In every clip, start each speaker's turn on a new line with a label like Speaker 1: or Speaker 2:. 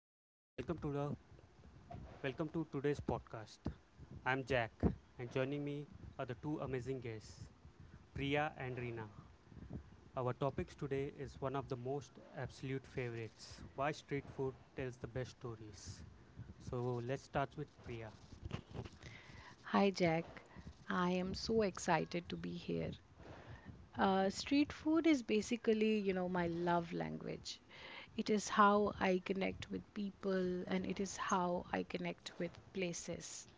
Speaker 1: Hi, welcome to today's podcast. I'm Jack, and joining me are the two amazing guests, Priya and Reena. Our topics today is one of the most absolute favorites: why street food tells the best stories. So let's start with Priya.
Speaker 2: Hi Jack, I am so excited to be here. Street food is basically, my love language. It is how I connect with people and it is how I connect with places.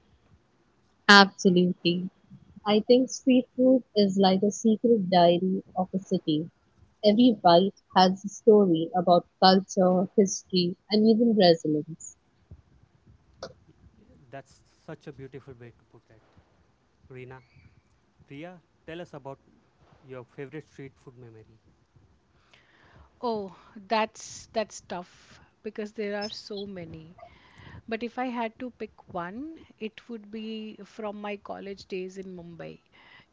Speaker 1: That's such a beautiful way to put it. Reena, Priya, tell us about your favorite street food memory.
Speaker 2: Oh, that's tough because there are so many. But if I had to pick one, it would be from my college days in Mumbai.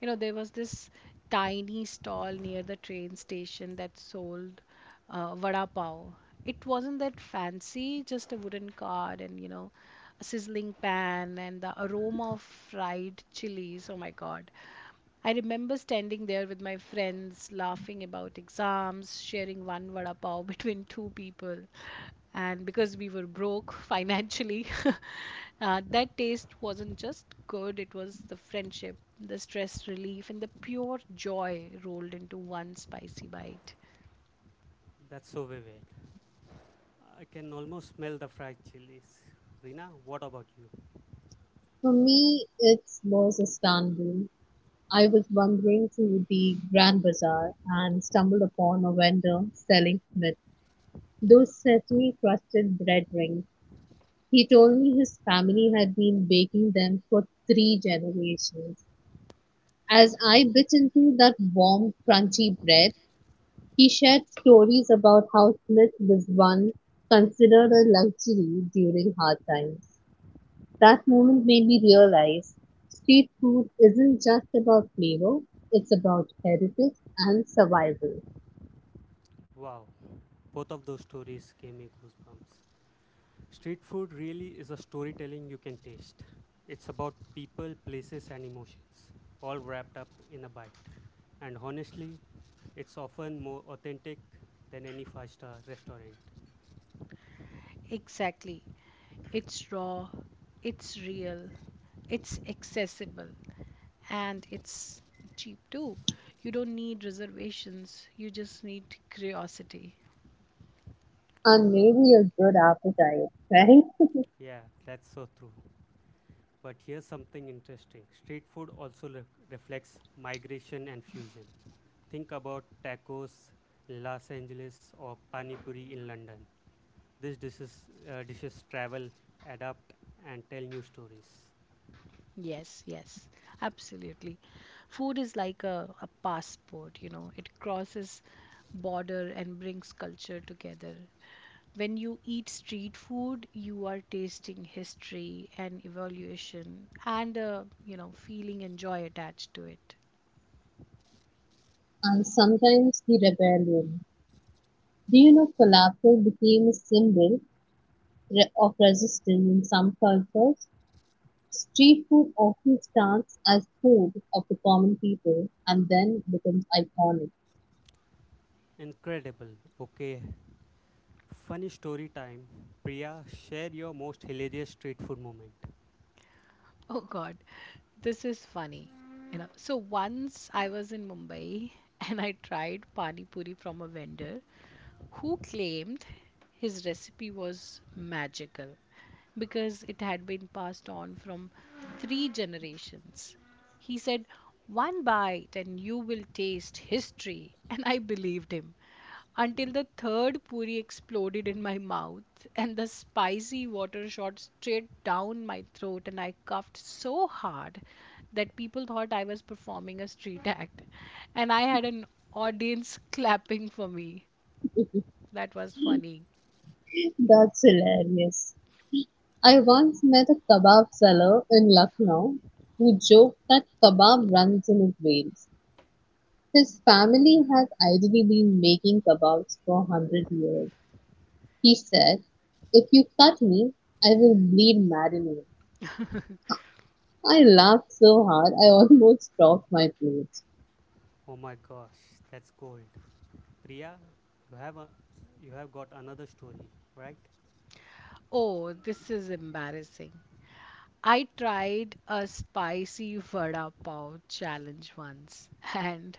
Speaker 2: You know, there was this tiny stall near the train station that sold vada pav. It wasn't that fancy, just a wooden card and you know, a sizzling pan and the aroma of fried chilies. Oh my God. I remember standing there with my friends, laughing about exams, sharing one vada pav between two people. And because we were broke financially, that taste wasn't just good, it was the friendship, the stress relief, and the pure joy rolled into one spicy bite.
Speaker 1: That's so vivid. I can almost smell the fried chilies. Reena, what about you? Wow, both of those stories gave me goosebumps. Street food really is a storytelling you can taste. It's about people, places, and emotions, all wrapped up in a bite. And honestly, it's often more authentic than any five-star restaurant.
Speaker 2: Exactly. It's raw, it's real, it's accessible, and it's cheap too. You don't need reservations, you just need curiosity.
Speaker 1: Yeah, that's so true. But here's something interesting: street food also reflects migration and fusion. Think about tacos in Los Angeles or pani puri in London. These dishes travel, adapt, and tell new stories.
Speaker 2: Yes, yes, absolutely. Food is like a passport, you know, it crosses border and brings culture together. When you eat street food, you are tasting history and evaluation and a, you know, feeling and joy attached to it.
Speaker 1: Incredible. Okay, funny story time. Priya, share your most hilarious street food moment.
Speaker 2: Oh God, this is funny. You know, so once I was in Mumbai and I tried pani puri from a vendor who claimed his recipe was magical because it had been passed on from three generations. He said, one bite and you will taste history. And I believed him until the third puri exploded in my mouth and the spicy water shot straight down my throat and I coughed so hard that people thought I was performing a street act and I had an audience clapping for me. That was funny.
Speaker 1: Oh my gosh, that's gold. Priya, you have a, you have got another story, right?
Speaker 2: Oh, this is embarrassing. I tried a spicy vada pav challenge once, and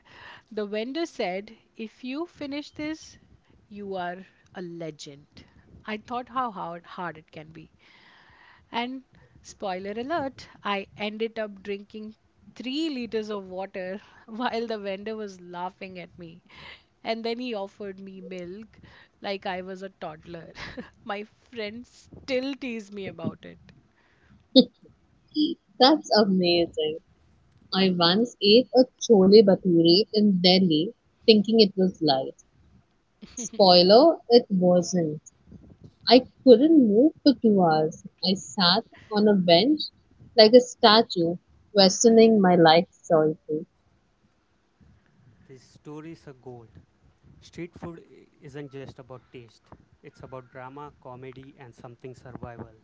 Speaker 2: the vendor said, if you finish this, you are a legend. I thought how hard it can be. And spoiler alert, I ended up drinking 3 liters of water while the vendor was laughing at me. And then he offered me milk like I was a toddler. My friends still tease me about it.
Speaker 1: These stories are gold. Street food isn't just about taste. It's about drama, comedy, and something survival.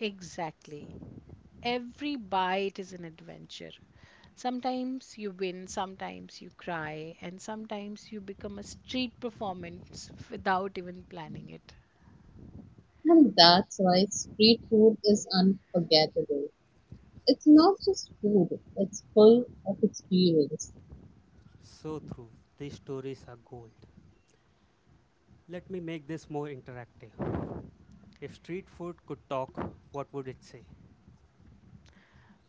Speaker 2: Exactly. Every bite is an adventure. Sometimes you win, sometimes you cry, and sometimes you become a street performance without even planning it.
Speaker 1: So true. These stories are gold. Let me make this more interactive. If street food could talk, what would it say?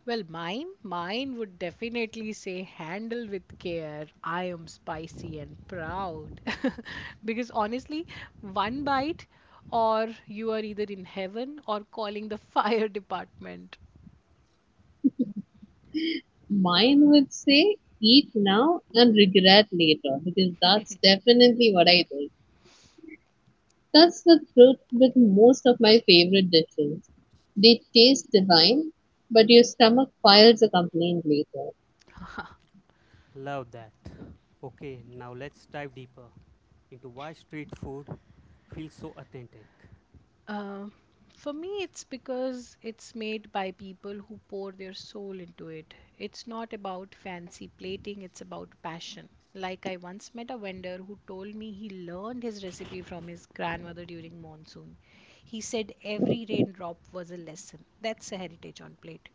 Speaker 2: Well, mine would definitely say handle with care. I am spicy and proud. Because honestly, one bite or you are either in heaven or calling the fire department.
Speaker 1: Love that. Okay, now let's dive deeper into why street food feels so authentic.
Speaker 2: Uh, for me, it's because it's made by people who pour their soul into it. It's not about fancy plating, it's about passion. Like, I once met a vendor who told me he learned his recipe from his grandmother during monsoon. He said every raindrop was a lesson. That's a heritage on plate.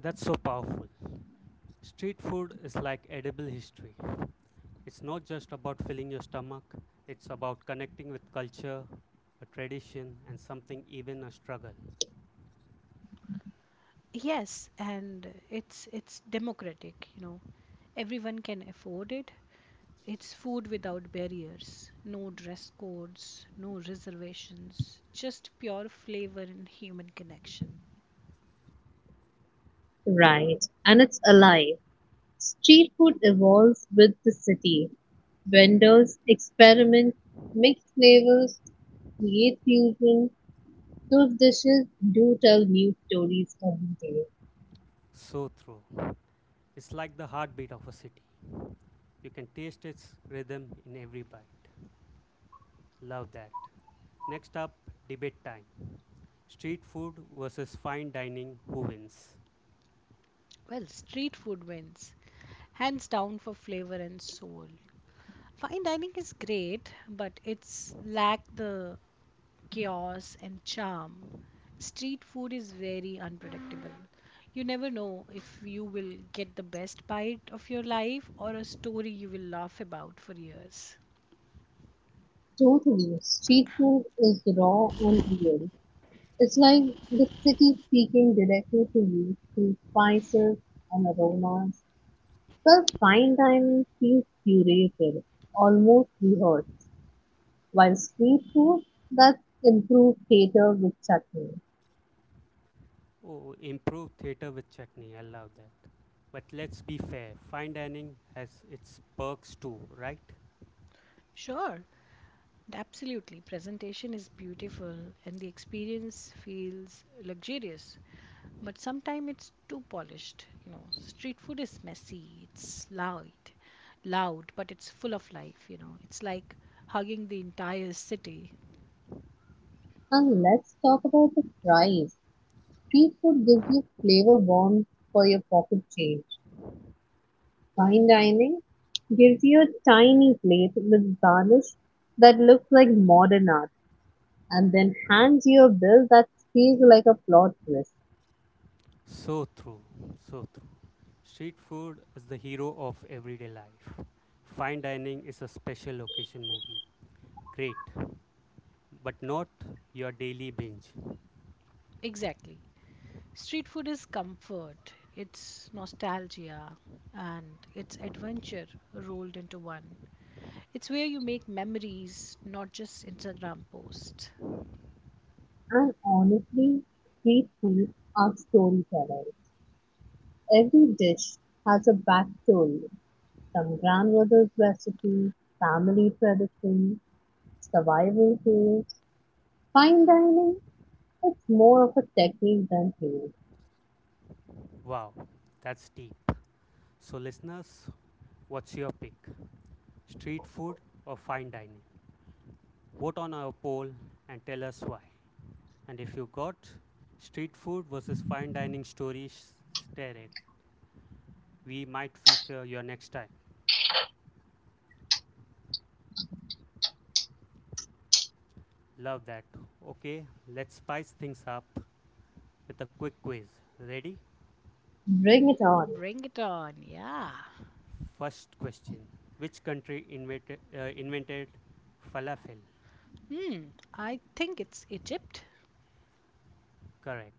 Speaker 1: That's so powerful. Street food is like edible history. It's not just about filling your stomach, it's about connecting with culture, a tradition, and something even a struggle.
Speaker 2: Yes, and it's democratic, you know. Everyone can afford it. It's food without barriers, no dress codes, no reservations, just pure flavor and human connection.
Speaker 1: So true. It's like the heartbeat of a city. You can taste its rhythm in every bite. Love that. Next up, debate time. Street food versus fine dining, who wins?
Speaker 2: Well, street food wins, hands down for flavor and soul. Fine dining is great, but it's lack the chaos and charm. Street food is very unpredictable. You never know if you will get the best bite of your life or a story you will laugh about for years.
Speaker 1: Oh, improve theatre with chutney, I love that. But let's be fair, fine dining has its perks too, right?
Speaker 2: Sure, and absolutely, presentation is beautiful and the experience feels luxurious, but sometimes it's too polished. You know, street food is messy, it's loud, but it's full of life. You know, it's like hugging the entire city.
Speaker 1: So true, so true. Street food is the hero of everyday life. Fine dining is a special occasion movie. Great, but not your daily binge.
Speaker 2: Exactly. Street food is comfort, it's nostalgia, and it's adventure rolled into one. It's where you make memories, not just Instagram posts.
Speaker 1: Wow, that's deep. So, listeners, what's your pick? Street food or fine dining? Vote on our poll and tell us why. And if you got street food versus fine dining stories, share it. We might feature your next time. Love that. Okay, let's spice things up with a quick quiz. Ready?
Speaker 2: Bring it on, yeah.
Speaker 1: First question: which country invented falafel?
Speaker 2: Hmm, I think it's Egypt.
Speaker 1: Correct.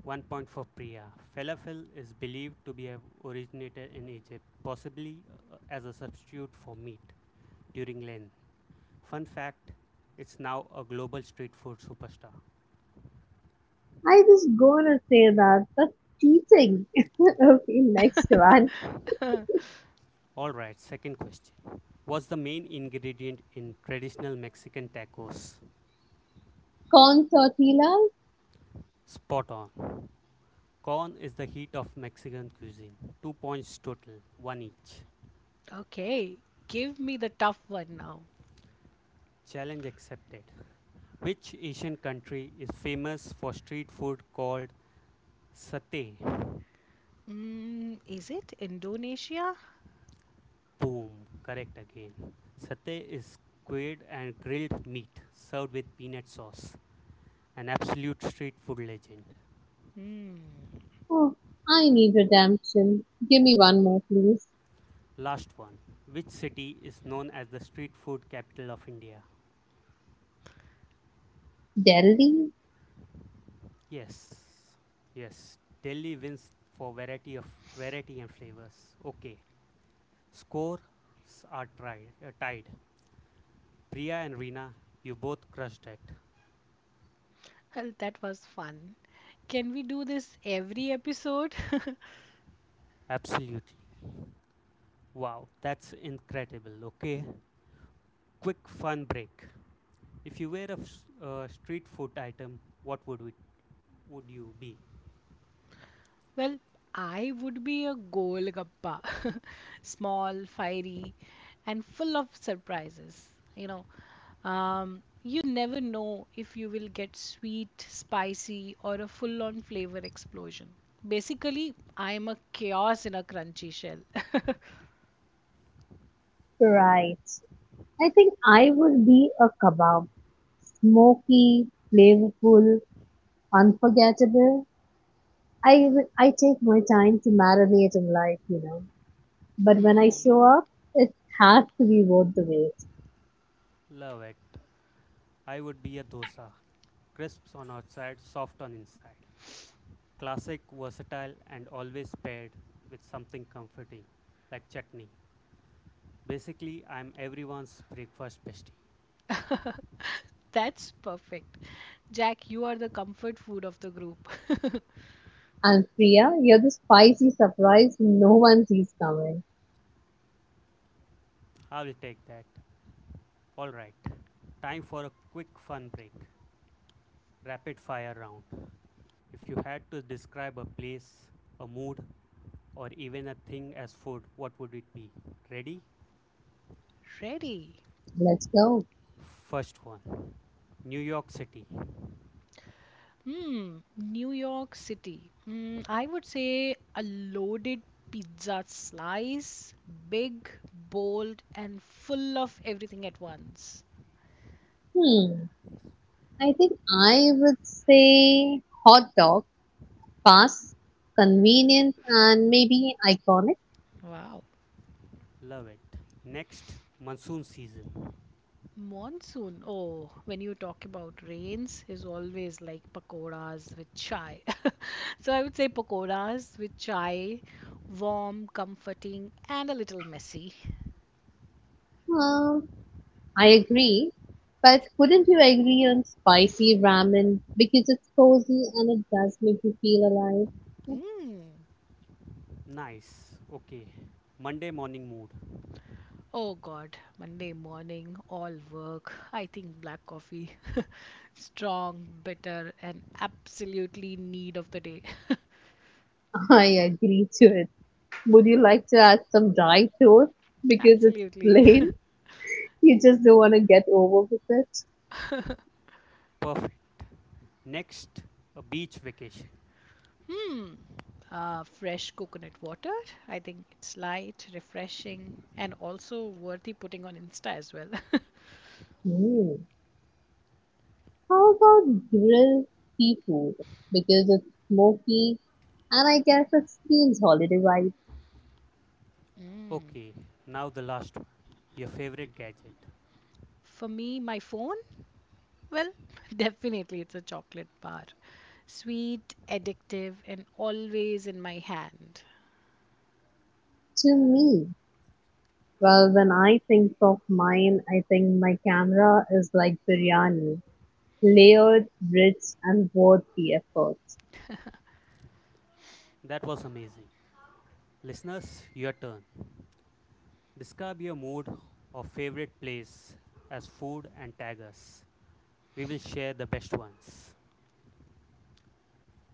Speaker 1: 1 point for Priya. Falafel is believed to be have originated in Egypt, possibly as a substitute for meat during Lent. Fun fact: it's now a global street food superstar. Alright, second question. What's the main ingredient in traditional Mexican tacos? Spot on. Corn is the heat of Mexican cuisine. 2 points total, one each.
Speaker 2: Okay, give me the tough one now.
Speaker 1: Challenge accepted. Which Asian country is famous for street food called satay?
Speaker 2: Mm, is it Indonesia?
Speaker 1: Boom, correct again. Satay is squid and grilled meat served with peanut sauce, an absolute street food legend.
Speaker 2: Hmm,
Speaker 1: Last one. Which city is known as the street food capital of India? Yes. Yes. Delhi wins for variety and flavors. Okay. Scores are tied. Priya and Reena, you both crushed it.
Speaker 2: well, that was fun. Can we do this every episode?
Speaker 1: Absolutely. Wow, that's incredible. Okay. Quick fun break. If you were a street food item, what would it would you be?
Speaker 2: Well, I would be a Golgappa. Small, fiery, and full of surprises. You know, you never know if you will get sweet, spicy, or a full on flavor explosion. Basically, I am a chaos in a crunchy shell. Mm,
Speaker 1: Love it. I would be a dosa. Crisps on outside, soft on inside. Classic, versatile, and always paired with something comforting like chutney. Basically, I'm everyone's breakfast bestie.
Speaker 2: that's perfect. Jack, you are the comfort food of the group.
Speaker 1: I will take that. Alright, time for a quick fun break. Rapid fire round. If you had to describe a place, a mood, or even a thing as food, what would it be? Ready?
Speaker 2: Ready.
Speaker 1: First one: New York City.
Speaker 2: Hmm, New York City. Hmm, I would say a loaded pizza slice, big, bold, and full of everything at once. Wow.
Speaker 1: Love it. Next, monsoon season.
Speaker 2: Monsoon, oh, when you talk about rains, is always like pakoras with chai. So I would say pakoras with chai, warm, comforting, and a little messy. Mm.
Speaker 1: Nice. Okay. Monday morning mood.
Speaker 2: Oh God, Monday morning, all work. I think black coffee, strong, bitter, and absolutely need of the day. Absolutely.
Speaker 1: Perfect. Next, a beach vacation.
Speaker 2: Fresh coconut water. I think it's light, refreshing, and also worthy putting on Insta as well.
Speaker 1: Okay. Now the last one. Your favorite gadget.
Speaker 2: For me, my phone, well, definitely it's a chocolate bar. Sweet, addictive, and always in my hand.
Speaker 1: That was amazing. Listeners, your turn. Describe your mood or favorite place as food and tag us. We will share the best ones.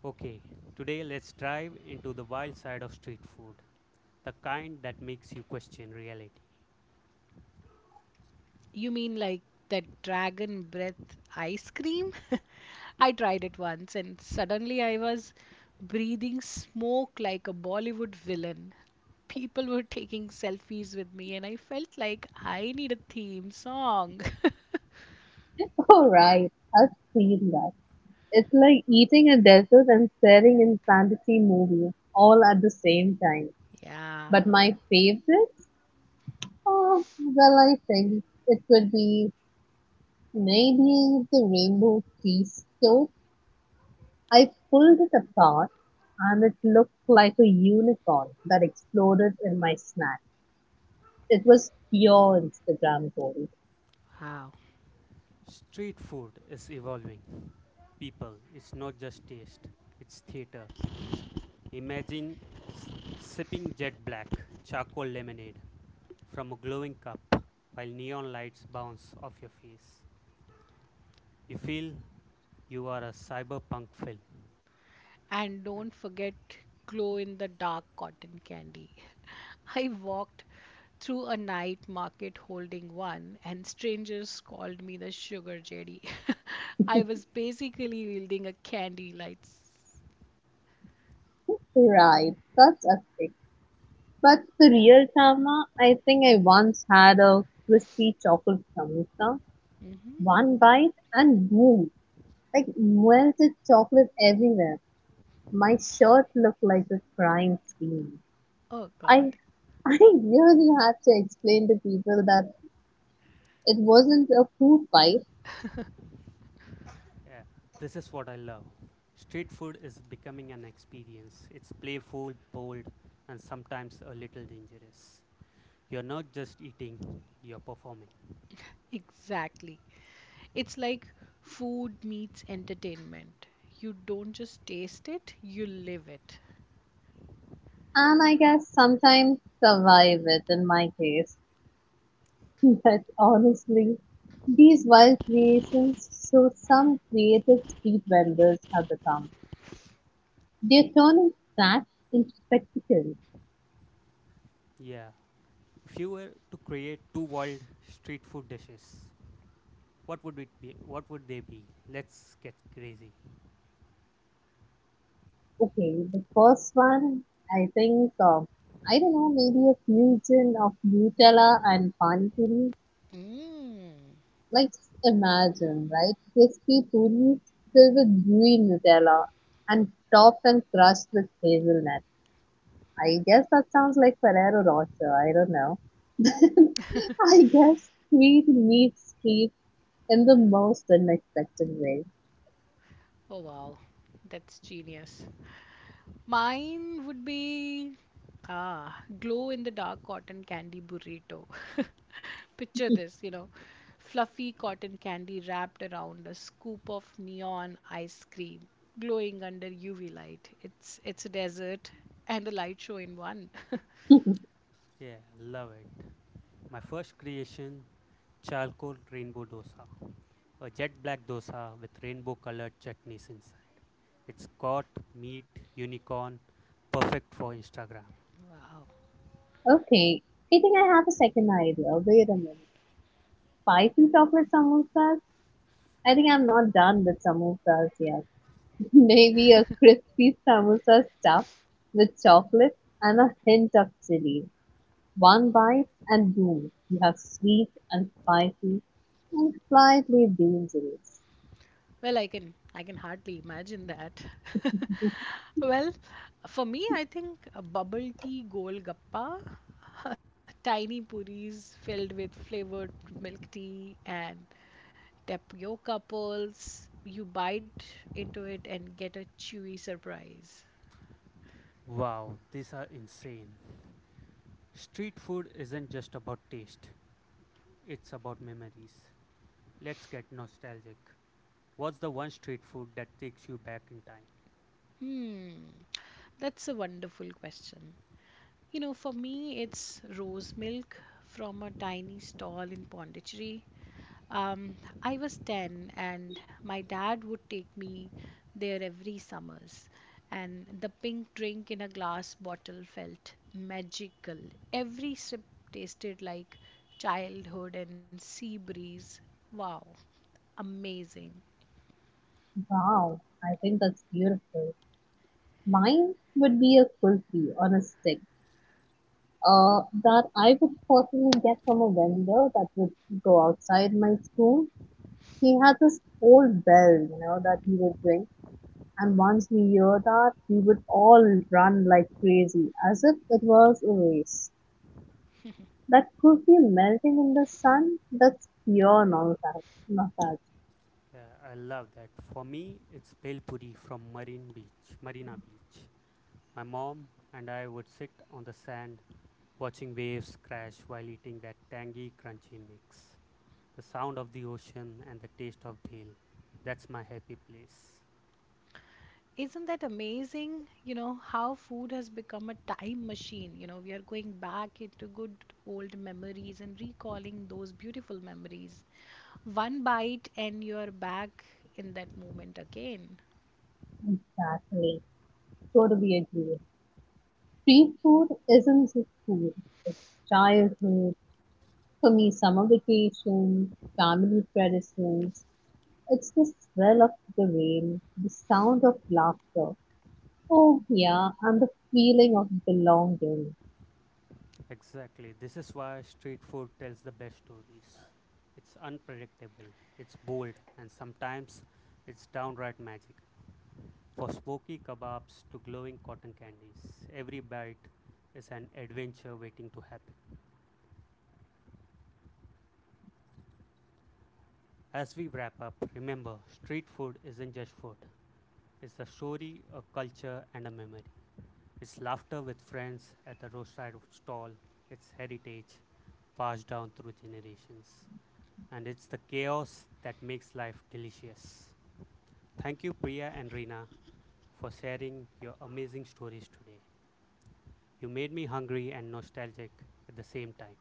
Speaker 1: Okay. Today, let's dive into the wild side of street food, the kind that makes you question reality.
Speaker 2: You mean like that dragon breath ice cream? I tried it once and suddenly I was breathing smoke like a Bollywood villain. People were taking selfies with me and I felt like I need a theme song. Yeah, wow.
Speaker 1: Street food is evolving, people. It's not just taste, it's theater. Imagine sipping jet black charcoal lemonade from a glowing cup while neon lights bounce off your face. You feel you are a cyberpunk film.
Speaker 2: And
Speaker 1: Yep.
Speaker 2: don't forget glow in the dark cotton candy. I walked through a night market holding one, and strangers called me the sugar jelly. I was basically wielding a candy lights. Oh God.
Speaker 1: Yeah, this is what I love. Street food is becoming an experience. It's playful, bold, and sometimes a little dangerous. You're not just eating, you're performing.
Speaker 2: Exactly. It's like food meets entertainment. You don't just taste it, you live it.
Speaker 1: Yeah. If you were to create two wild street food dishes, What would it be? What would they be? Let's get crazy.
Speaker 2: Mm. Oh, wow. That's genius. Mine would be glow in the dark cotton candy burrito. Picture this, you know, fluffy cotton candy wrapped around a scoop of neon ice cream, glowing under UV light. It's a desert and a light show in one.
Speaker 1: Yeah, love it. My first creation, charcoal rainbow dosa, a jet black dosa with rainbow colored chutneys inside. It's got meat, unicorn, perfect for Instagram.
Speaker 2: Wow. Well, I can hardly imagine that. Well, for me, I think a bubble tea golgappa, tiny puris filled with flavored milk tea and tapioca pearls. You bite into it and get a chewy surprise.
Speaker 1: Wow, these are insane. Street food isn't just about taste, it's about memories. Let's get nostalgic. What's the one street food that takes you back in time?
Speaker 2: Hmm, that's a wonderful question. You know, for me, it's rose milk from a tiny stall in Pondicherry. Um, I was 10 and my dad would take me there every summers. And the pink drink in a glass bottle felt magical. Every sip tasted like childhood and sea breeze. Wow, amazing.
Speaker 1: Yeah, I love that. For me, it's Bhel from Marina Beach. My mom and I would sit on the sand watching waves crash while eating that tangy, crunchy mix. The sound of the ocean and the taste of bhel. That's my happy place.
Speaker 2: Isn't that amazing? You know, how food has become a time machine. You know, we are going back into good old memories and recalling those beautiful memories. One bite, and you're back in that moment again.
Speaker 1: Exactly. This is why street food tells the best stories. It's unpredictable, it's bold, and sometimes it's downright magic. For smoky kebabs to glowing cotton candies, every bite is an adventure waiting to happen. As we wrap up, remember, street food isn't just food, it's a story, a culture, and a memory. It's laughter with friends at the roadside stall, it's heritage passed down through generations, and it's the chaos that makes life delicious. Thank you, Priya and Reena, for sharing your amazing stories today. You made me hungry and nostalgic at the same time.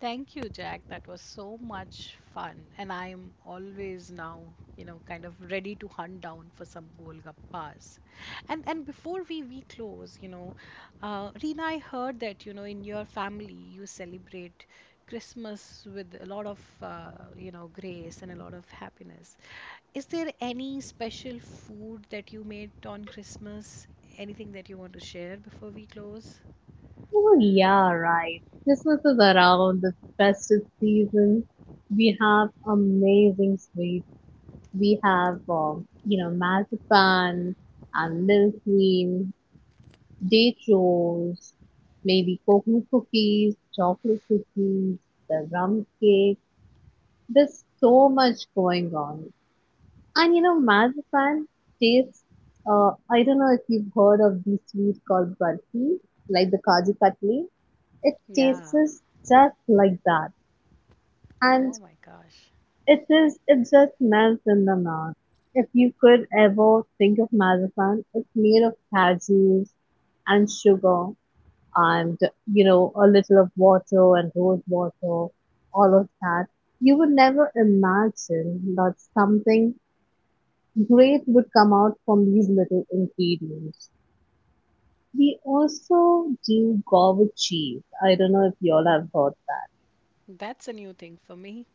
Speaker 2: Thank you, Jack. That was so much fun. And I am always now, you know, kind of ready to hunt down for some Golgappas. And before we close, you know, Reena, I heard that, you know, in your family you celebrate Christmas with a lot of, you know, grace and a lot of happiness. Is there any special food that you made on Christmas? Anything that you want to share before we close? Yeah. Oh my gosh. That's a new thing for me.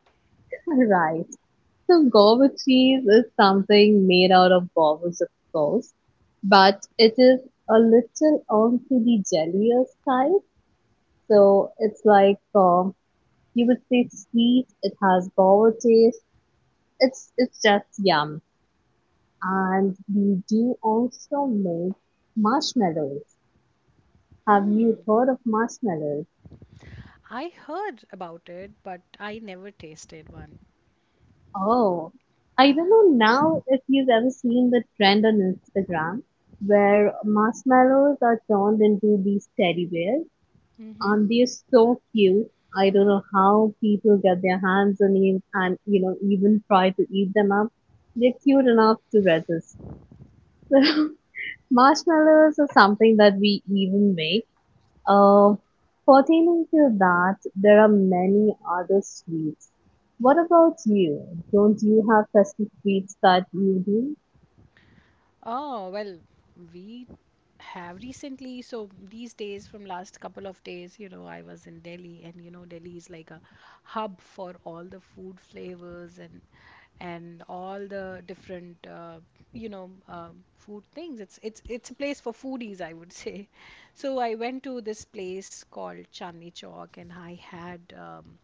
Speaker 2: Hmm. I heard about it, but I never tasted one. Hmm. Oh, well, we have recently, so these days from last couple of days, you know, I was in Delhi and you know Delhi is like a hub for all the food flavors and all the different you know food things. It's a place for foodies, I would say. So I went to this place called Chandni Chowk and I had um,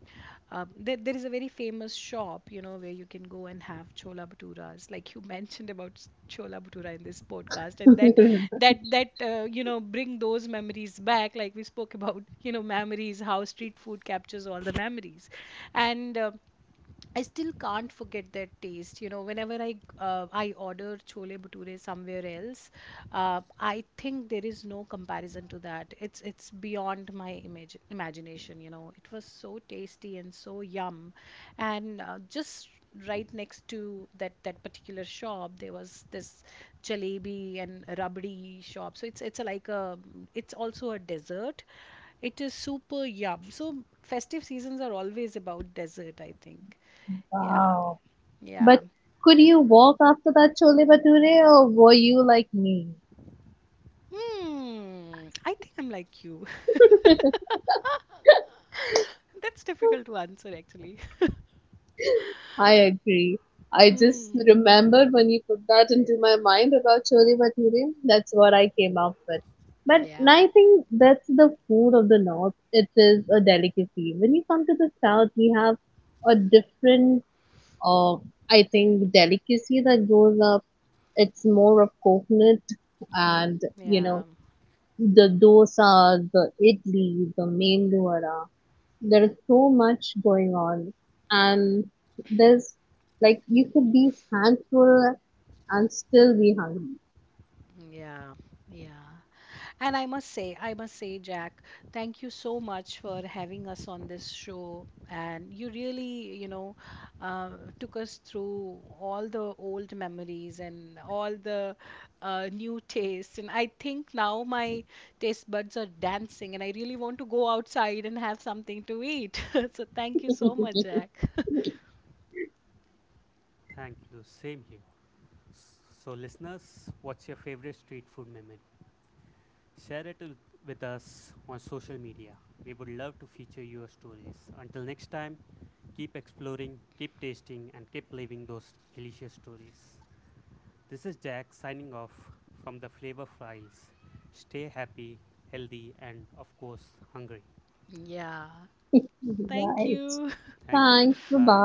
Speaker 2: uh, there is a very famous shop, you know, where you can go and have chola bhaturas, like you mentioned about chola bhatura in this podcast, and that you know bring those memories back, like we spoke about, you know, memories, how street food captures all the memories, and. I still can't forget that taste. You know, whenever I order chole bhature somewhere else, I think there is no comparison to that. It's beyond my image imagination. You know, it was so tasty and so yum, and just right next to that particular shop there was this jalebi and rabdi shop so it's a, like a it's also a dessert. It is super yum. So festive seasons are always about dessert, I think. Yeah, yeah. Hmm, I think I'm like you. That's difficult to answer actually. Hmm. Yeah, yeah, yeah, yeah. And I must say, Jack, thank you so much for having us on this show. And you really, you know, uh, took us through all the old memories and all the new tastes. And I think now my taste buds are dancing, and I really want to go outside and have something to eat. So thank you so much, Jack.
Speaker 1: Thank you. Same here. So, listeners, what's your favorite street food memory? Share it with us on social media. We would love to feature your stories. Until next time, keep exploring, keep tasting, and keep living those delicious stories. This is Jack signing off from the Flavor Files. Stay happy, healthy, and of course, hungry.
Speaker 2: Yeah. Thank you.
Speaker 1: Thank you. Bye.